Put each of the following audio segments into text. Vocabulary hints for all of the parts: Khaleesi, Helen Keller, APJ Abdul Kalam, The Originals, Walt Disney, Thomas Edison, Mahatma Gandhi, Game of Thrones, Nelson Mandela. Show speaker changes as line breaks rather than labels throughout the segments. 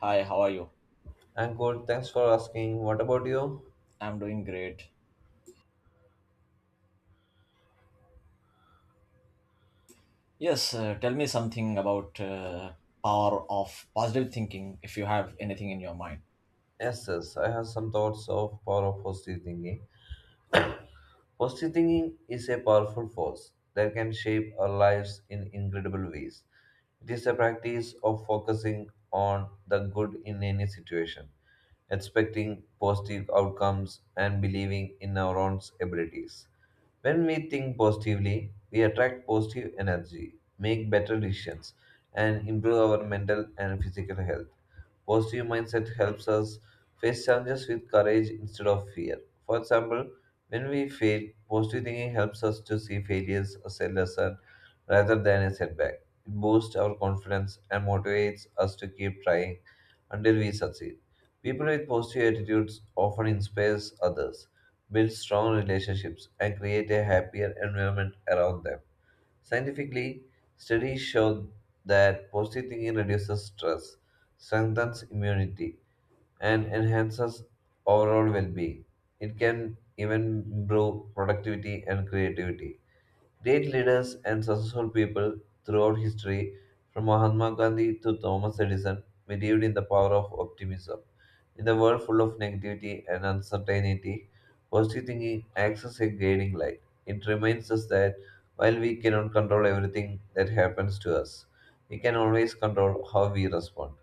Hi, how are you?
I'm good. Thanks for asking. What about you?
I'm doing great. Yes, tell me something about power of positive thinking if you have anything in your mind.
Yes, yes, I have some thoughts of power of positive thinking. Positive thinking is a powerful force that can shape our lives in incredible ways. It is a practice of focusing on the good in any situation, expecting positive outcomes, and believing in our own abilities. When we think positively, we attract positive energy, make better decisions, and improve our mental and physical health. Positive mindset helps us face challenges with courage instead of fear. For example, when we fail, positive thinking helps us to see failures as a lesson rather than a setback. It boosts our confidence and motivates us to keep trying until we succeed. People with positive attitudes often inspire others, build strong relationships, and create a happier environment around them. Scientifically, studies show that positive thinking reduces stress, strengthens immunity, and enhances overall well being. It can even improve productivity and creativity. Great leaders and successful people throughout history, from Mahatma Gandhi to Thomas Edison, believed in the power of optimism. In a world full of negativity and uncertainty, positive thinking acts as a guiding light. It reminds us that while we cannot control everything that happens to us, we can always control how we respond.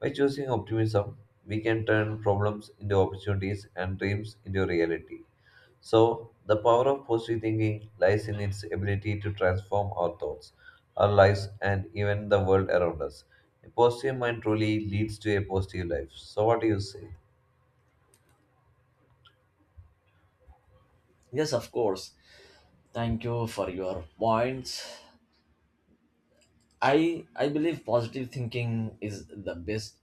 By choosing optimism, we can turn problems into opportunities and dreams into reality. So, the power of positive thinking lies in its ability to transform our thoughts, our lives, and even the world around us. A positive mind truly leads to a positive life. So, what do you say?
Yes, of course. Thank you for your points. I believe positive thinking is the best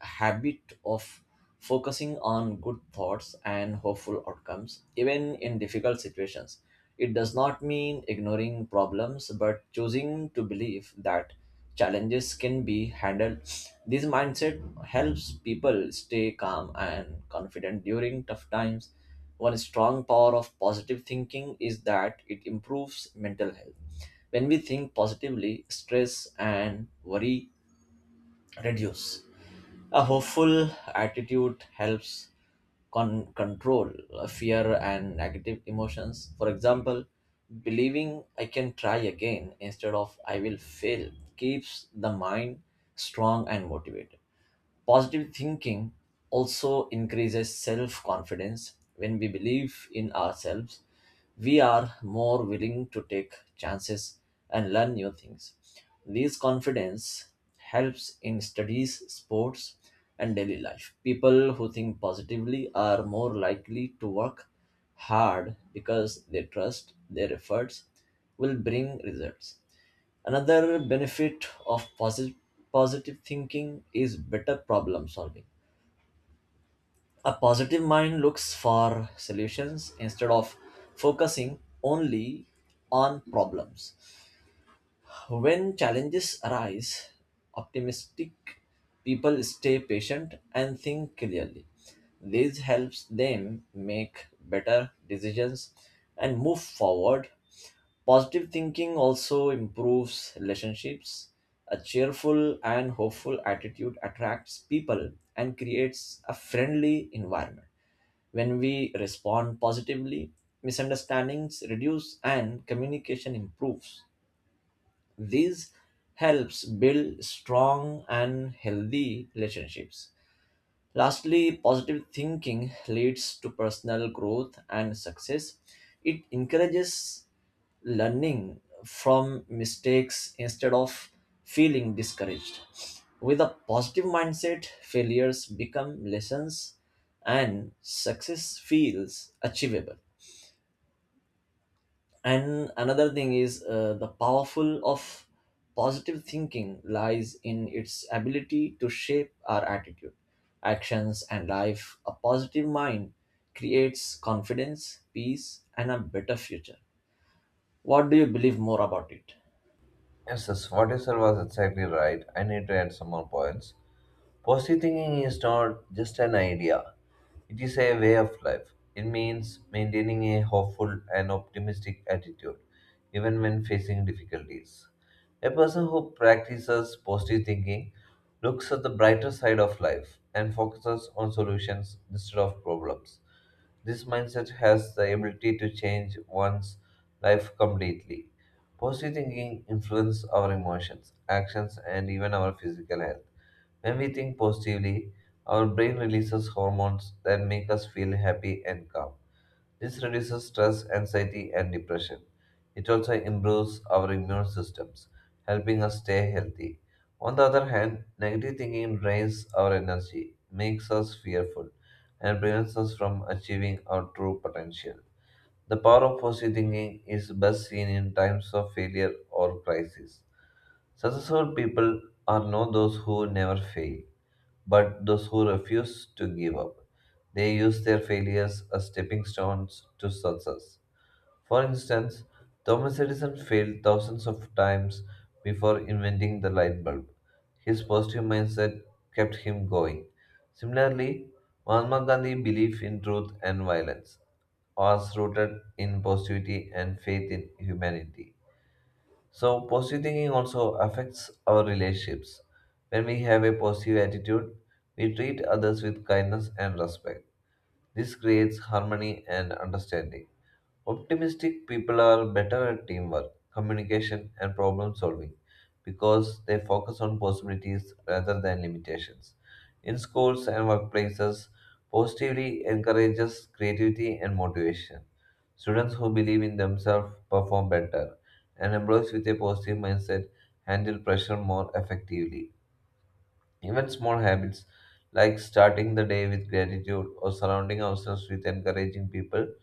habit of focusing on good thoughts and hopeful outcomes, even in difficult situations. It does not mean ignoring problems, but choosing to believe that challenges can be handled. This mindset helps people stay calm and confident during tough times. One strong power of positive thinking is that it improves mental health. When we think positively, stress and worry reduce. A hopeful attitude helps control fear and negative emotions. For example, believing I can try again instead of I will fail keeps the mind strong and motivated. Positive thinking also increases self confidence. When we believe in ourselves, we are more willing to take chances and learn new things. This confidence helps in studies, sports, and daily life. People who think positively are more likely to work hard because they trust their efforts will bring results. Another benefit of positive thinking is better problem solving. A positive mind looks for solutions instead of focusing only on problems. When challenges arise, optimistic people stay patient and think clearly. This helps them make better decisions and move forward. Positive thinking also improves relationships. A cheerful and hopeful attitude attracts people and creates a friendly environment. When we respond positively, misunderstandings reduce and communication improves. This helps build strong and healthy relationships. Lastly, positive thinking leads to personal growth and success. It encourages learning from mistakes instead of feeling discouraged. With a positive mindset, failures become lessons and success feels achievable, and another thing is, the powerful of positive thinking lies in its ability to shape our attitude, actions, and life. A positive mind creates confidence, peace, and a better future. What do you believe more about it?
Yes, yes, what you said was exactly right. I need to add some more points. Positive thinking is not just an idea, it is a way of life. It means maintaining a hopeful and optimistic attitude, even when facing difficulties. A person who practices positive thinking looks at the brighter side of life and focuses on solutions instead of problems. This mindset has the ability to change one's life completely. Positive thinking influences our emotions, actions, and even our physical health. When we think positively, our brain releases hormones that make us feel happy and calm. This reduces stress, anxiety, and depression. It also improves our immune systems, helping us stay healthy. On the other hand, negative thinking drains our energy, makes us fearful, and prevents us from achieving our true potential. The power of positive thinking is best seen in times of failure or crisis. Successful people are not those who never fail, but those who refuse to give up. They use their failures as stepping stones to success. For instance, Thomas Edison failed thousands of times before inventing the light bulb. His positive mindset kept him going. Similarly, Mahatma Gandhi's belief in truth and violence was rooted in positivity and faith in humanity. So, positive thinking also affects our relationships. When we have a positive attitude, we treat others with kindness and respect. This creates harmony and understanding. Optimistic people are better at teamwork, communication, and problem solving because they focus on possibilities rather than limitations. In schools and workplaces, positivity encourages creativity and motivation. Students who believe in themselves perform better, and employees with a positive mindset handle pressure more effectively. Even small habits like starting the day with gratitude or surrounding ourselves with encouraging people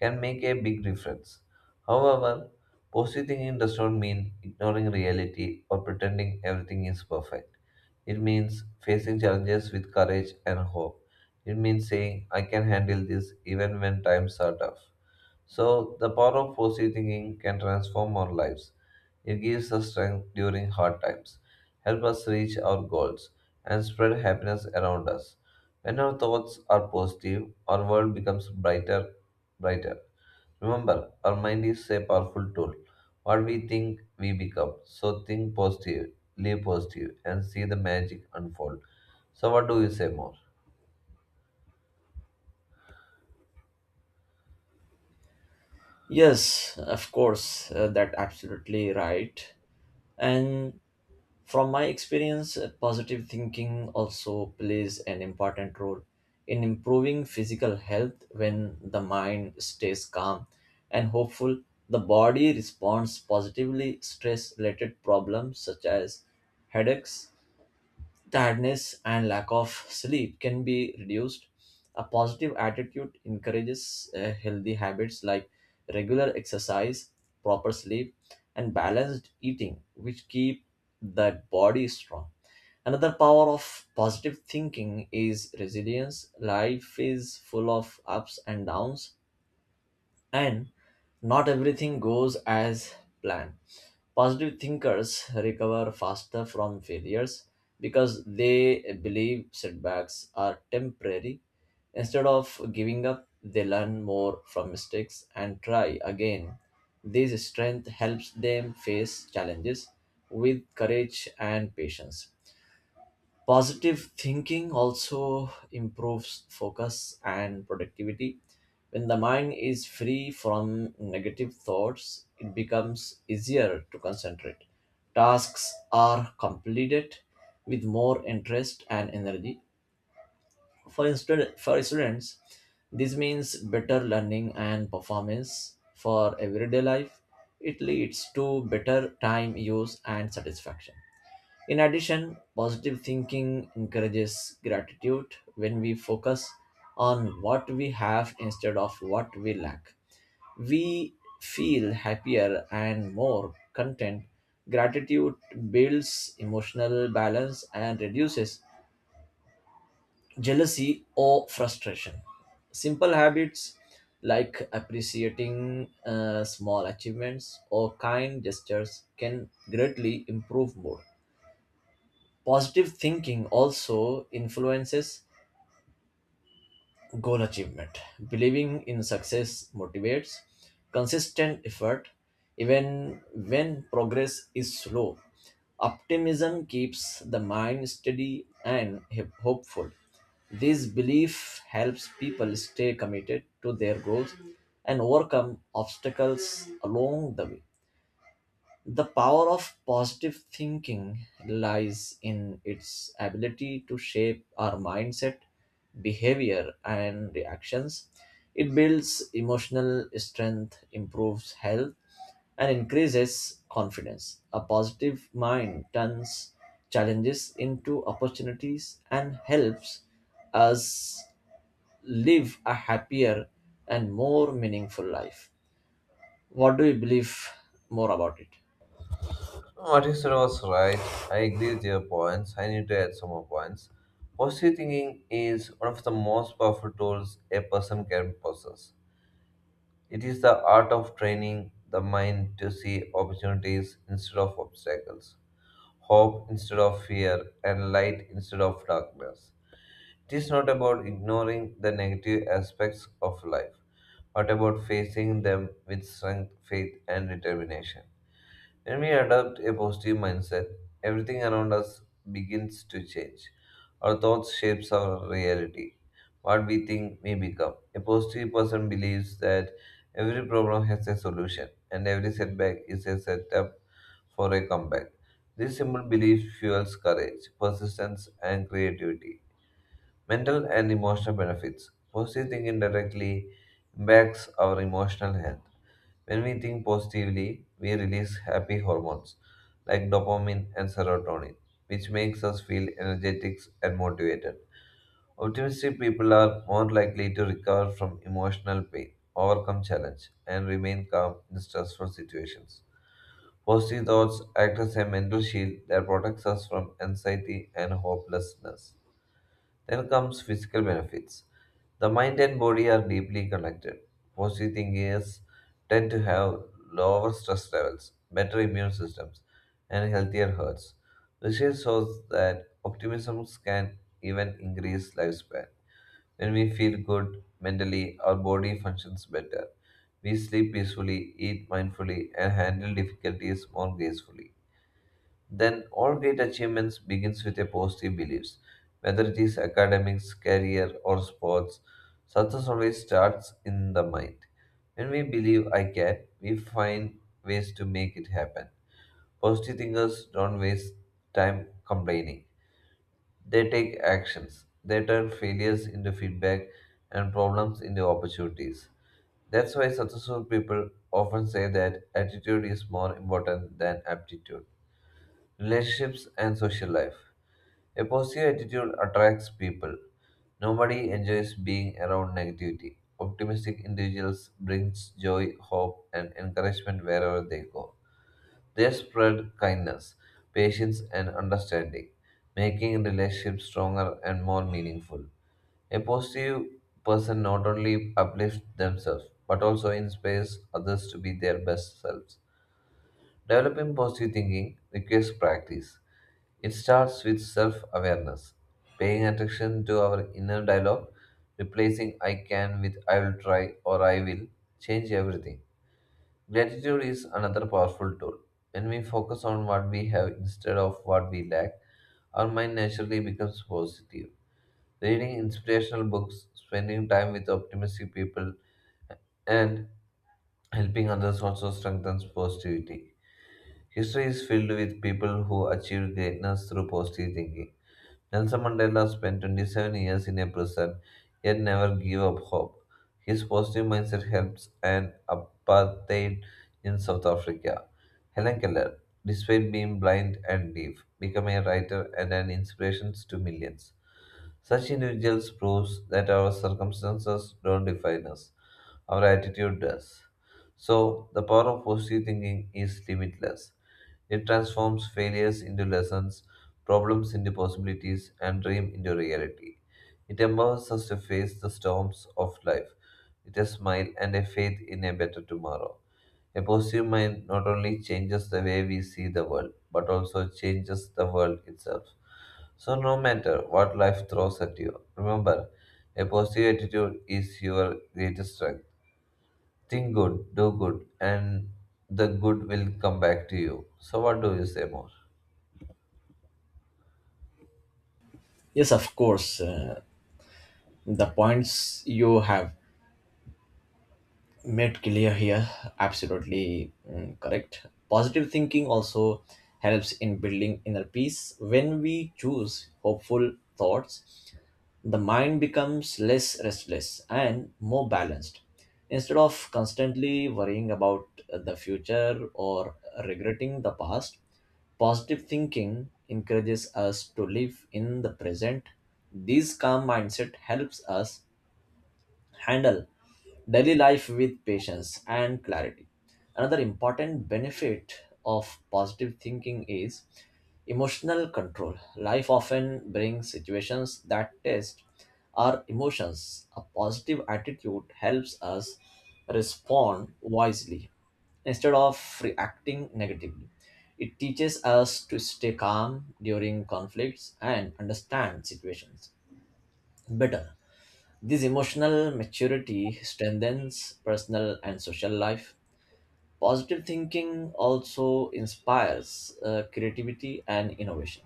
can make a big difference. However, positive thinking does not mean ignoring reality or pretending everything is perfect. It means facing challenges with courage and hope. It means saying, I can handle this even when times are tough. So, the power of positive thinking can transform our lives. It gives us strength during hard times, help us reach our goals, and spread happiness around us. When our thoughts are positive, our world becomes brighter, brighter. Remember, our mind is a powerful tool. What we think, we become. So think positive, live positive, and see the magic unfold. So, what do you say more?
Yes, of course. That absolutely right. And from my experience, positive thinking also plays an important role in improving physical health when the mind stays calm and hopeful. The body responds positively. Stress related problems such as headaches, tiredness, and lack of sleep can be reduced. A positive attitude encourages healthy habits like regular exercise, proper sleep, and balanced eating, which keep the body strong. Another power of positive thinking is resilience. Life is full of ups and downs, and not everything goes as planned. Positive thinkers recover faster from failures because they believe setbacks are temporary. Instead of giving up, they learn more from mistakes and try again. This strength helps them face challenges with courage and patience. Positive thinking also improves focus and productivity. When the mind is free from negative thoughts, it becomes easier to concentrate. Tasks are completed with more interest and energy. For instance, for students, this means better learning and performance for everyday life. It leads to better time use and satisfaction. In addition, positive thinking encourages gratitude. When we focus on what we have instead of what we lack, we feel happier and more content. Gratitude builds emotional balance and reduces jealousy or frustration. Simple habits like appreciating small achievements or kind gestures can greatly improve mood. Positive thinking also influences goal achievement. Believing in success motivates consistent effort even when progress is slow. Optimism keeps the mind steady and hopeful. This belief helps people stay committed to their goals and overcome obstacles along the way. The power of positive thinking lies in its ability to shape our mindset, behavior, and reactions. It builds emotional strength, improves health, and increases confidence. A positive mind turns challenges into opportunities and helps us live a happier and more meaningful life. What do you believe more about it?
What you said was right. I agree with your points. I need to add some more points. Positive thinking is one of the most powerful tools a person can possess. It is the art of training the mind to see opportunities instead of obstacles, hope instead of fear, and light instead of darkness. It is not about ignoring the negative aspects of life, but about facing them with strength, faith, and determination. When we adopt a positive mindset, everything around us begins to change. Our thoughts shapes our reality. What we think may become. A positive person believes that every problem has a solution and every setback is a setup for a comeback. This simple belief fuels courage, persistence, and creativity. Mental and emotional benefits. Positive thinking directly impacts our emotional health. When we think positively, we release happy hormones like dopamine and serotonin, which makes us feel energetic and motivated. Optimistic people are more likely to recover from emotional pain, overcome challenge, and remain calm in stressful situations. Positive thoughts act as a mental shield that protects us from anxiety and hopelessness. Then comes physical benefits. The mind and body are deeply connected. Positive thinkers tend to have lower stress levels, better immune systems, and healthier hearts. Research shows that optimism can even increase lifespan. When we feel good mentally, our body functions better. We sleep peacefully, eat mindfully, and handle difficulties more gracefully. Then all great achievements begins with a positive beliefs, whether it is academics, career or sports. Success always starts in the mind. When we believe I can, we find ways to make it happen. Positive thinkers don't waste time complaining. They take actions. They turn failures into feedback and problems into opportunities. That's why successful people often say that attitude is more important than aptitude relationships, and social life. A positive attitude attracts people. Nobody enjoys being around negativity. Optimistic individuals brings joy, hope, and encouragement wherever they go. They spread kindness, patience, and understanding, making relationships stronger and more meaningful. A positive person not only uplifts themselves but also inspires others to be their best selves. Developing positive thinking requires practice. It starts with self awareness, paying attention to our inner dialogue, replacing I can with I will try or I will change everything. Gratitude is another powerful tool. When we focus on what we have instead of what we lack, our mind naturally becomes positive. Reading inspirational books, spending time with optimistic people, and helping others also strengthens positivity. History is filled with people who achieved greatness through positive thinking. Nelson Mandela spent 27 years in a prison, yet never gave up hope. His positive mindset helps end apartheid in South Africa. Helen Keller, despite being blind and deaf, became a writer and an inspiration to millions. Such individuals proves that our circumstances don't define us, our attitude does. So, the power of positive thinking is limitless. It transforms failures into lessons, problems into possibilities, and dream into reality. It empowers us to face the storms of life with a smile and a faith in a better tomorrow. A positive mind not only changes the way we see the world, but also changes the world itself. So, no matter what life throws at you, remember a positive attitude is your greatest strength. Think good, do good, and the good will come back to you. So, what do you say more?
Yes, of course. The points you have made clear here absolutely correct. Positive thinking also helps in building inner peace. When we choose hopeful thoughts, the mind becomes less restless and more balanced. Instead of constantly worrying about the future or regretting the past, positive thinking encourages us to live in the present. This calm mindset helps us handle daily life with patience and clarity. Another important benefit of positive thinking is emotional control. Life often brings situations that test our emotions. A positive attitude helps us respond wisely instead of reacting negatively. It teaches us to stay calm during conflicts and understand situations better. This emotional maturity strengthens personal and social life. Positive thinking also inspires creativity and innovation.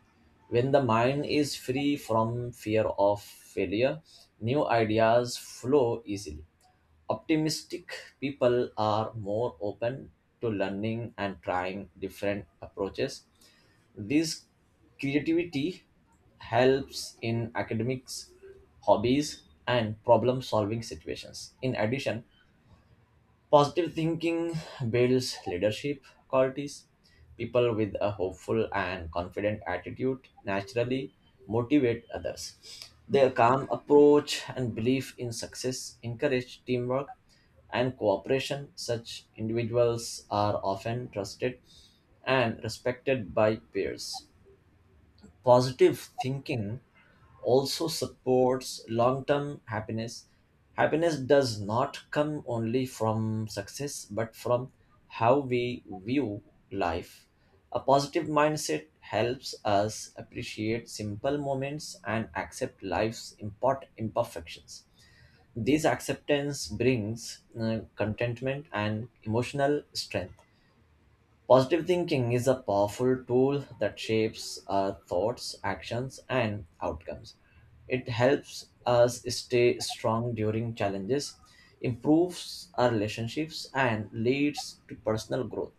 When the mind is free from fear of failure, new ideas flow easily. Optimistic people are more open to learning and trying different approaches. This creativity helps in academics, hobbies, and problem solving situations. In addition, positive thinking builds leadership qualities. People with a hopeful and confident attitude naturally motivate others. Their calm approach and belief in success encourage teamwork and cooperation. Such individuals are often trusted and respected by peers. Positive thinking also supports long term happiness. Happiness does not come only from success but from how we view life. A positive mindset helps us appreciate simple moments and accept life's import imperfections. This acceptance brings contentment and emotional strength. Positive thinking is a powerful tool that shapes our thoughts, actions, and outcomes. It helps us stay strong during challenges, improves our relationships, and leads to personal growth.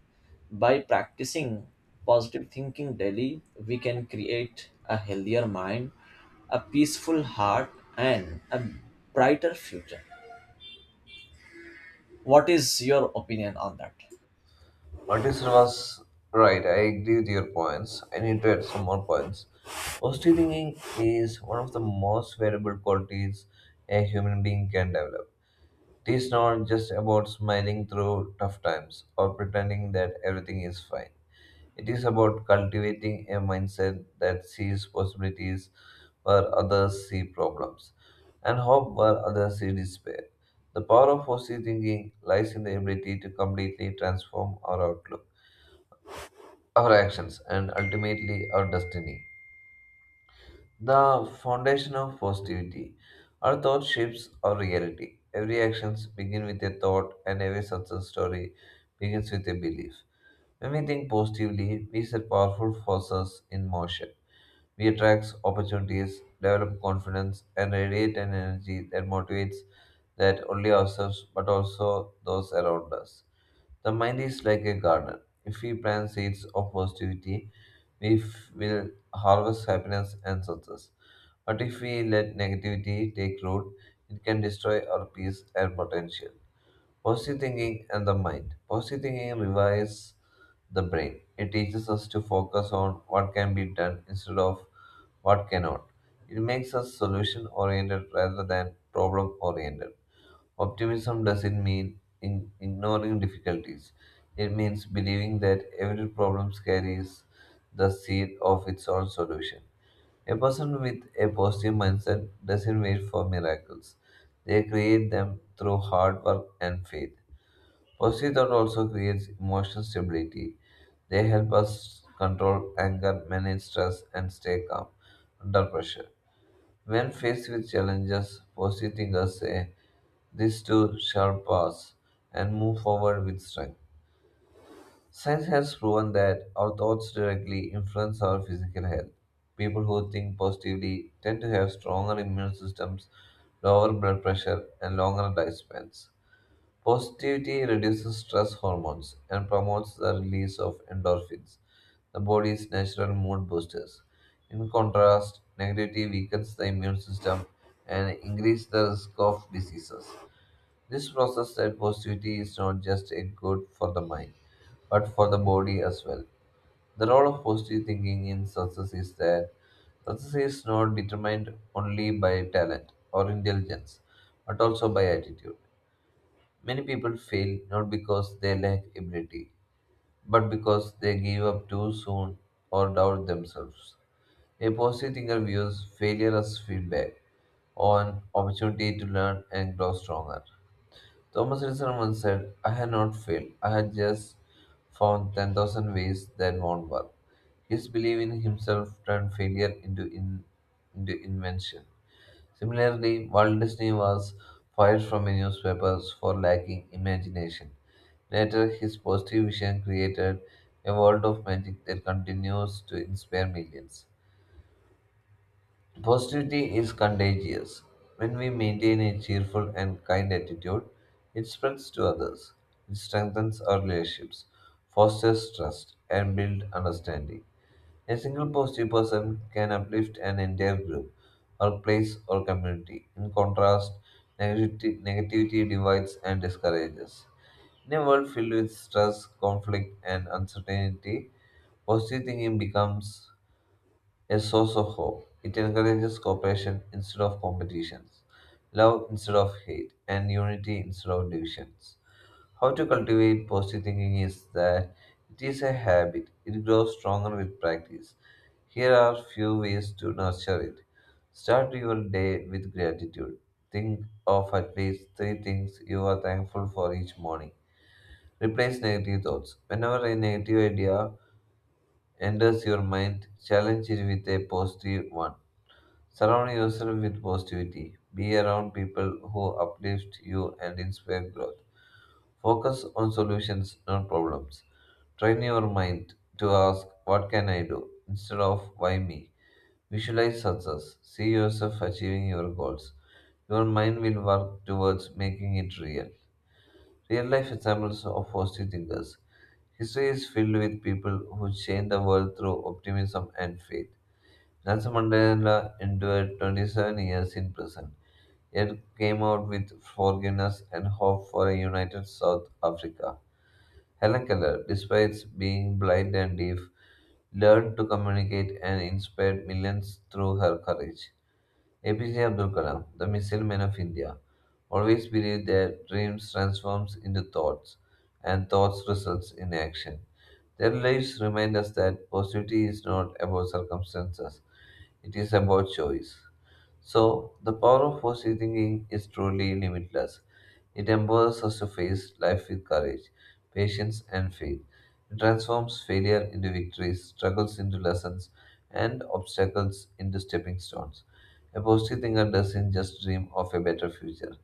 By practicing positive thinking daily, we can create a healthier mind, a peaceful heart, and a brighter future. What is your opinion on that?
What is was right? I agree with your points. I need to add some more points. Positive thinking is one of the most valuable qualities a human being can develop. It is not just about smiling through tough times or pretending that everything is fine. It is about cultivating a mindset that sees possibilities where others see problems and hope where others see despair. The power of positive thinking lies in the ability to completely transform our outlook, our actions, and ultimately our destiny. The foundation of positivity. Our thought shapes our reality. Every action begins with a thought, and every success story begins with a belief. When we think positively, we set powerful forces in motion. We attract opportunities, develop confidence, and radiate an energy that motivates that only ourselves but also those around us. The mind is like a garden. If we plant seeds of positivity, will harvest happiness and success. But if we let negativity take root, it can destroy our peace and potential. Positive thinking and the mind. Positive thinking revives the brain. It teaches us to focus on what can be done instead of what cannot. It makes us solution oriented rather than problem oriented. Optimism doesn't mean in ignoring difficulties. It means believing that every problem carries the seed of its own solution. A person with a positive mindset doesn't wait for miracles. They create them through hard work and faith. Positive thought also creates emotional stability. They help us control anger, manage stress, and stay calm under pressure. When faced with challenges, positive thinkers say, This too shall pass, and move forward with strength. Science has proven that our thoughts directly influence our physical health. People who think positively tend to have stronger immune systems, lower blood pressure, and longer lifespans. Positivity reduces stress hormones and promotes the release of endorphins, the body's natural mood boosters. In contrast, negativity weakens the immune system and increases the risk of diseases. This process that positivity is not just a good for the mind, but for the body as well. The role of positive thinking in success is that success is not determined only by talent or intelligence, but also by attitude. Many people fail not because they lack ability, but because they give up too soon or doubt themselves. A positive thinker views failure as feedback on opportunity to learn and grow stronger. Thomas Edison once said, I had not failed, I had just found 10,000 ways that won't work. His belief in himself turned failure into invention. Similarly, Walt Disney was fired from many newspapers for lacking imagination. Later, his positive vision created a world of magic that continues to inspire millions. Positivity is contagious. When we maintain a cheerful and kind attitude, it spreads to others. It strengthens our relationships, fosters trust, and builds understanding. A single positive person can uplift an entire group, or place, or community. In contrast, negativity divides and discourages. In a world filled with stress, conflict, and uncertainty, positive thinking becomes a source of hope. It encourages cooperation instead of competitions, love instead of hate, and unity instead of divisions. How to cultivate positive thinking is that it is a habit, it grows stronger with practice. Here are few ways to nurture it. Start your day with gratitude. Think of at least three things you are thankful for each morning. Replace negative thoughts. Whenever a negative idea enters your mind, challenge it with a positive one. Surround yourself with positivity. Be around people who uplift you and inspire growth. Focus on solutions, not problems. Train your mind to ask, what can I do? Instead of why me? Visualize success. See yourself achieving your goals. Your mind will work towards making it real. Real life examples of positive thinkers. History is filled with people who changed the world through optimism and faith. Nelson Mandela endured 27 years in prison, yet came out with forgiveness and hope for a united South Africa. Helen Keller, despite being blind and deaf, learned to communicate and inspired millions through her courage. APJ Abdul Kalam, the missile man of India, always believed that dreams transforms into thoughts and thoughts results in action. Their lives remind us that positivity is not about circumstances, it is about choice. So, the power of positive thinking is truly limitless. It empowers us to face life with courage, patience, and faith. It transforms failure into victories, struggles into lessons, and obstacles into stepping stones. A positive thinker doesn't just dream of a better future,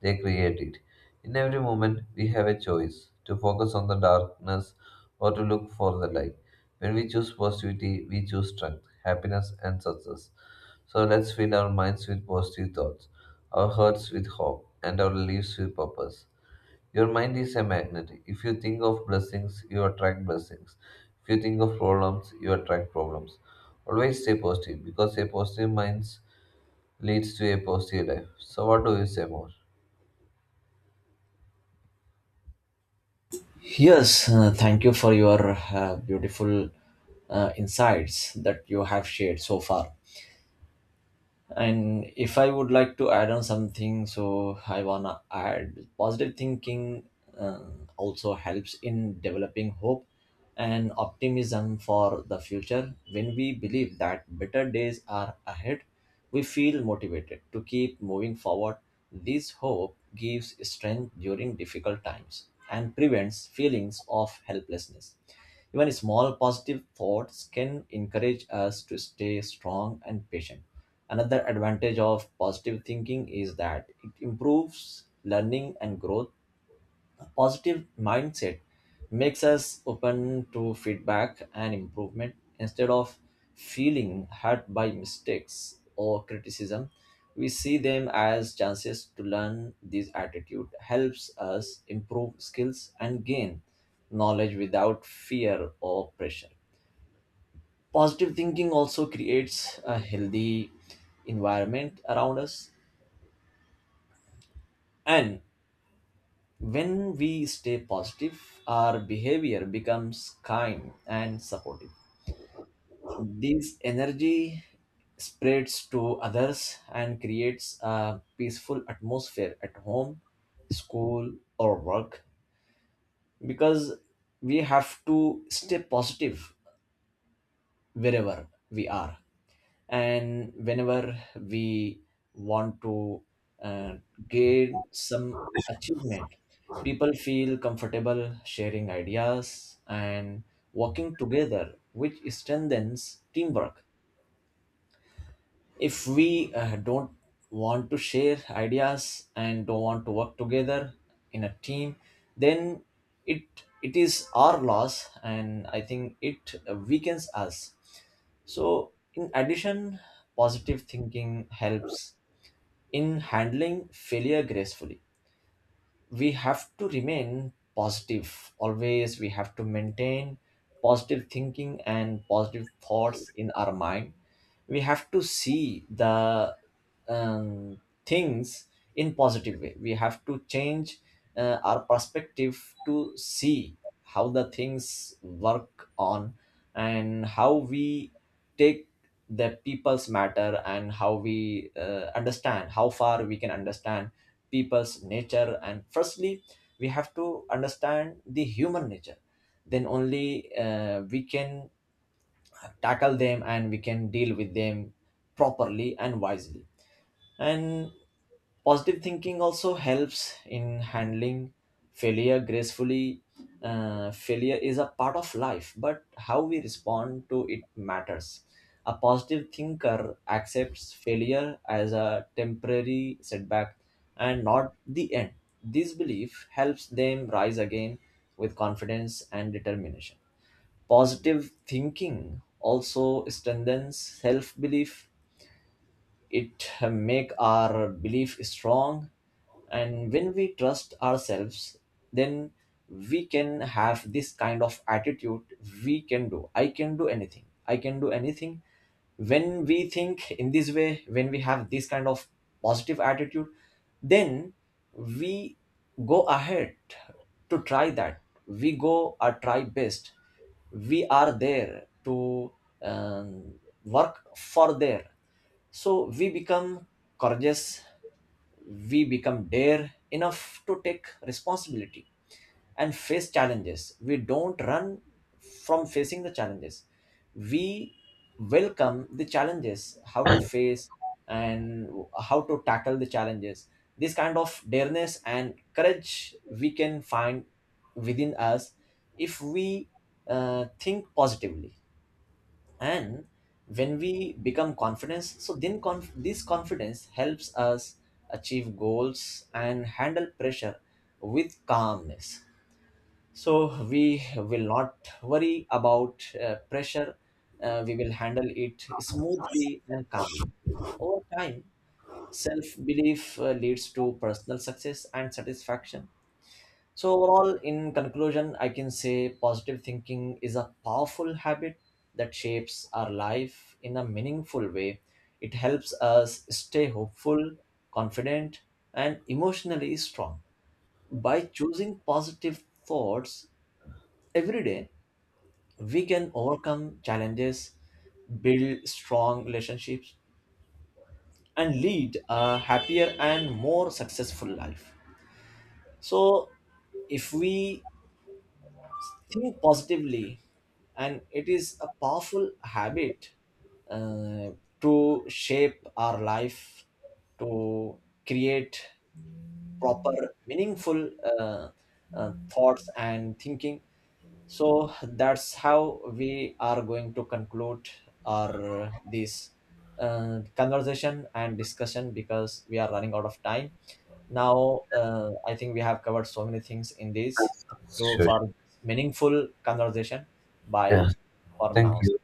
they create it. In every moment, we have a choice to focus on the darkness or to look for the light. When we choose positivity, we choose strength, happiness, and success. So let's fill our minds with positive thoughts, our hearts with hope, and our lives with purpose. Your mind is a magnet. If you think of blessings, you attract blessings. If you think of problems, you attract problems. Always stay positive because a positive mind leads to a positive life. So, what do you say more?
Yes, thank you for your beautiful insights that you have shared so far. And if I would like to add on something, so I wanna add, positive thinking also helps in developing hope and optimism for the future. When we believe that better days are ahead, we feel motivated to keep moving forward. This hope gives strength during difficult times and prevents feelings of helplessness. Even small positive thoughts can encourage us to stay strong and patient. Another advantage of positive thinking is that it improves learning and growth. A positive mindset makes us open to feedback and improvement instead of feeling hurt by mistakes or criticism. We see them as chances to learn. This attitude helps us improve skills and gain knowledge without fear or pressure. Positive thinking also creates a healthy environment around us. And when we stay positive, our behavior becomes kind and supportive. This energy spreads to others and creates a peaceful atmosphere at home, school, or work, because we have to stay positive wherever we are and whenever we want to uh, gain some achievement. People feel comfortable sharing ideas and working together, which strengthens teamwork. If we don't want to share ideas and don't want to work together in a team, then it it is our loss, and I think it weakens us. So in addition, positive thinking helps in handling failure gracefully. We have to remain positive always. We have to maintain positive thinking and positive thoughts in our mind. We have to see the things in positive way. We have to change our perspective to see how the things work on, and how we take the people's matter, and how we understand, how far we can understand people's nature. And firstly, we have to understand the human nature, then only we can tackle them and we can deal with them properly and wisely. And positive thinking also helps in handling failure gracefully. Failure is a part of life, but how we respond to it matters. A positive thinker accepts failure as a temporary setback and not the end. This belief helps them rise again with confidence and determination. Positive thinking also strengthens self belief. It make our belief strong. And when we trust ourselves, then we can have this kind of attitude. We can do, I can do anything, I can do anything. When we think in this way, when we have this kind of positive attitude, then we go ahead to try that. We go or try best. We are there to um, work for there. So we become courageous, we become dare enough to take responsibility and face challenges. We don't run from facing the challenges. We welcome the challenges, how to face and how to tackle the challenges. This kind of dareness and courage we can find within us if we think positively. And when we become confident, so then this confidence helps us achieve goals and handle pressure with calmness. So we will not worry about pressure. We will handle it smoothly and calmly. Over time, self belief leads to personal success and satisfaction. So, overall, in conclusion, I can say positive thinking is a powerful habit that shapes our life in a meaningful way. It helps us stay hopeful, confident, and emotionally strong. By choosing positive thoughts every day, we can overcome challenges, build strong relationships, and lead a happier and more successful life. So, if we think positively, and it is a powerful habit uh, to shape our life, to create proper, meaningful thoughts and thinking. So that's how we are going to conclude our this conversation and discussion, because we are running out of time now. I think we have covered so many things in this.
Yes.
Thank you
Sure.
for meaningful conversation. Bye
Yeah.
for
Thank
now.
you.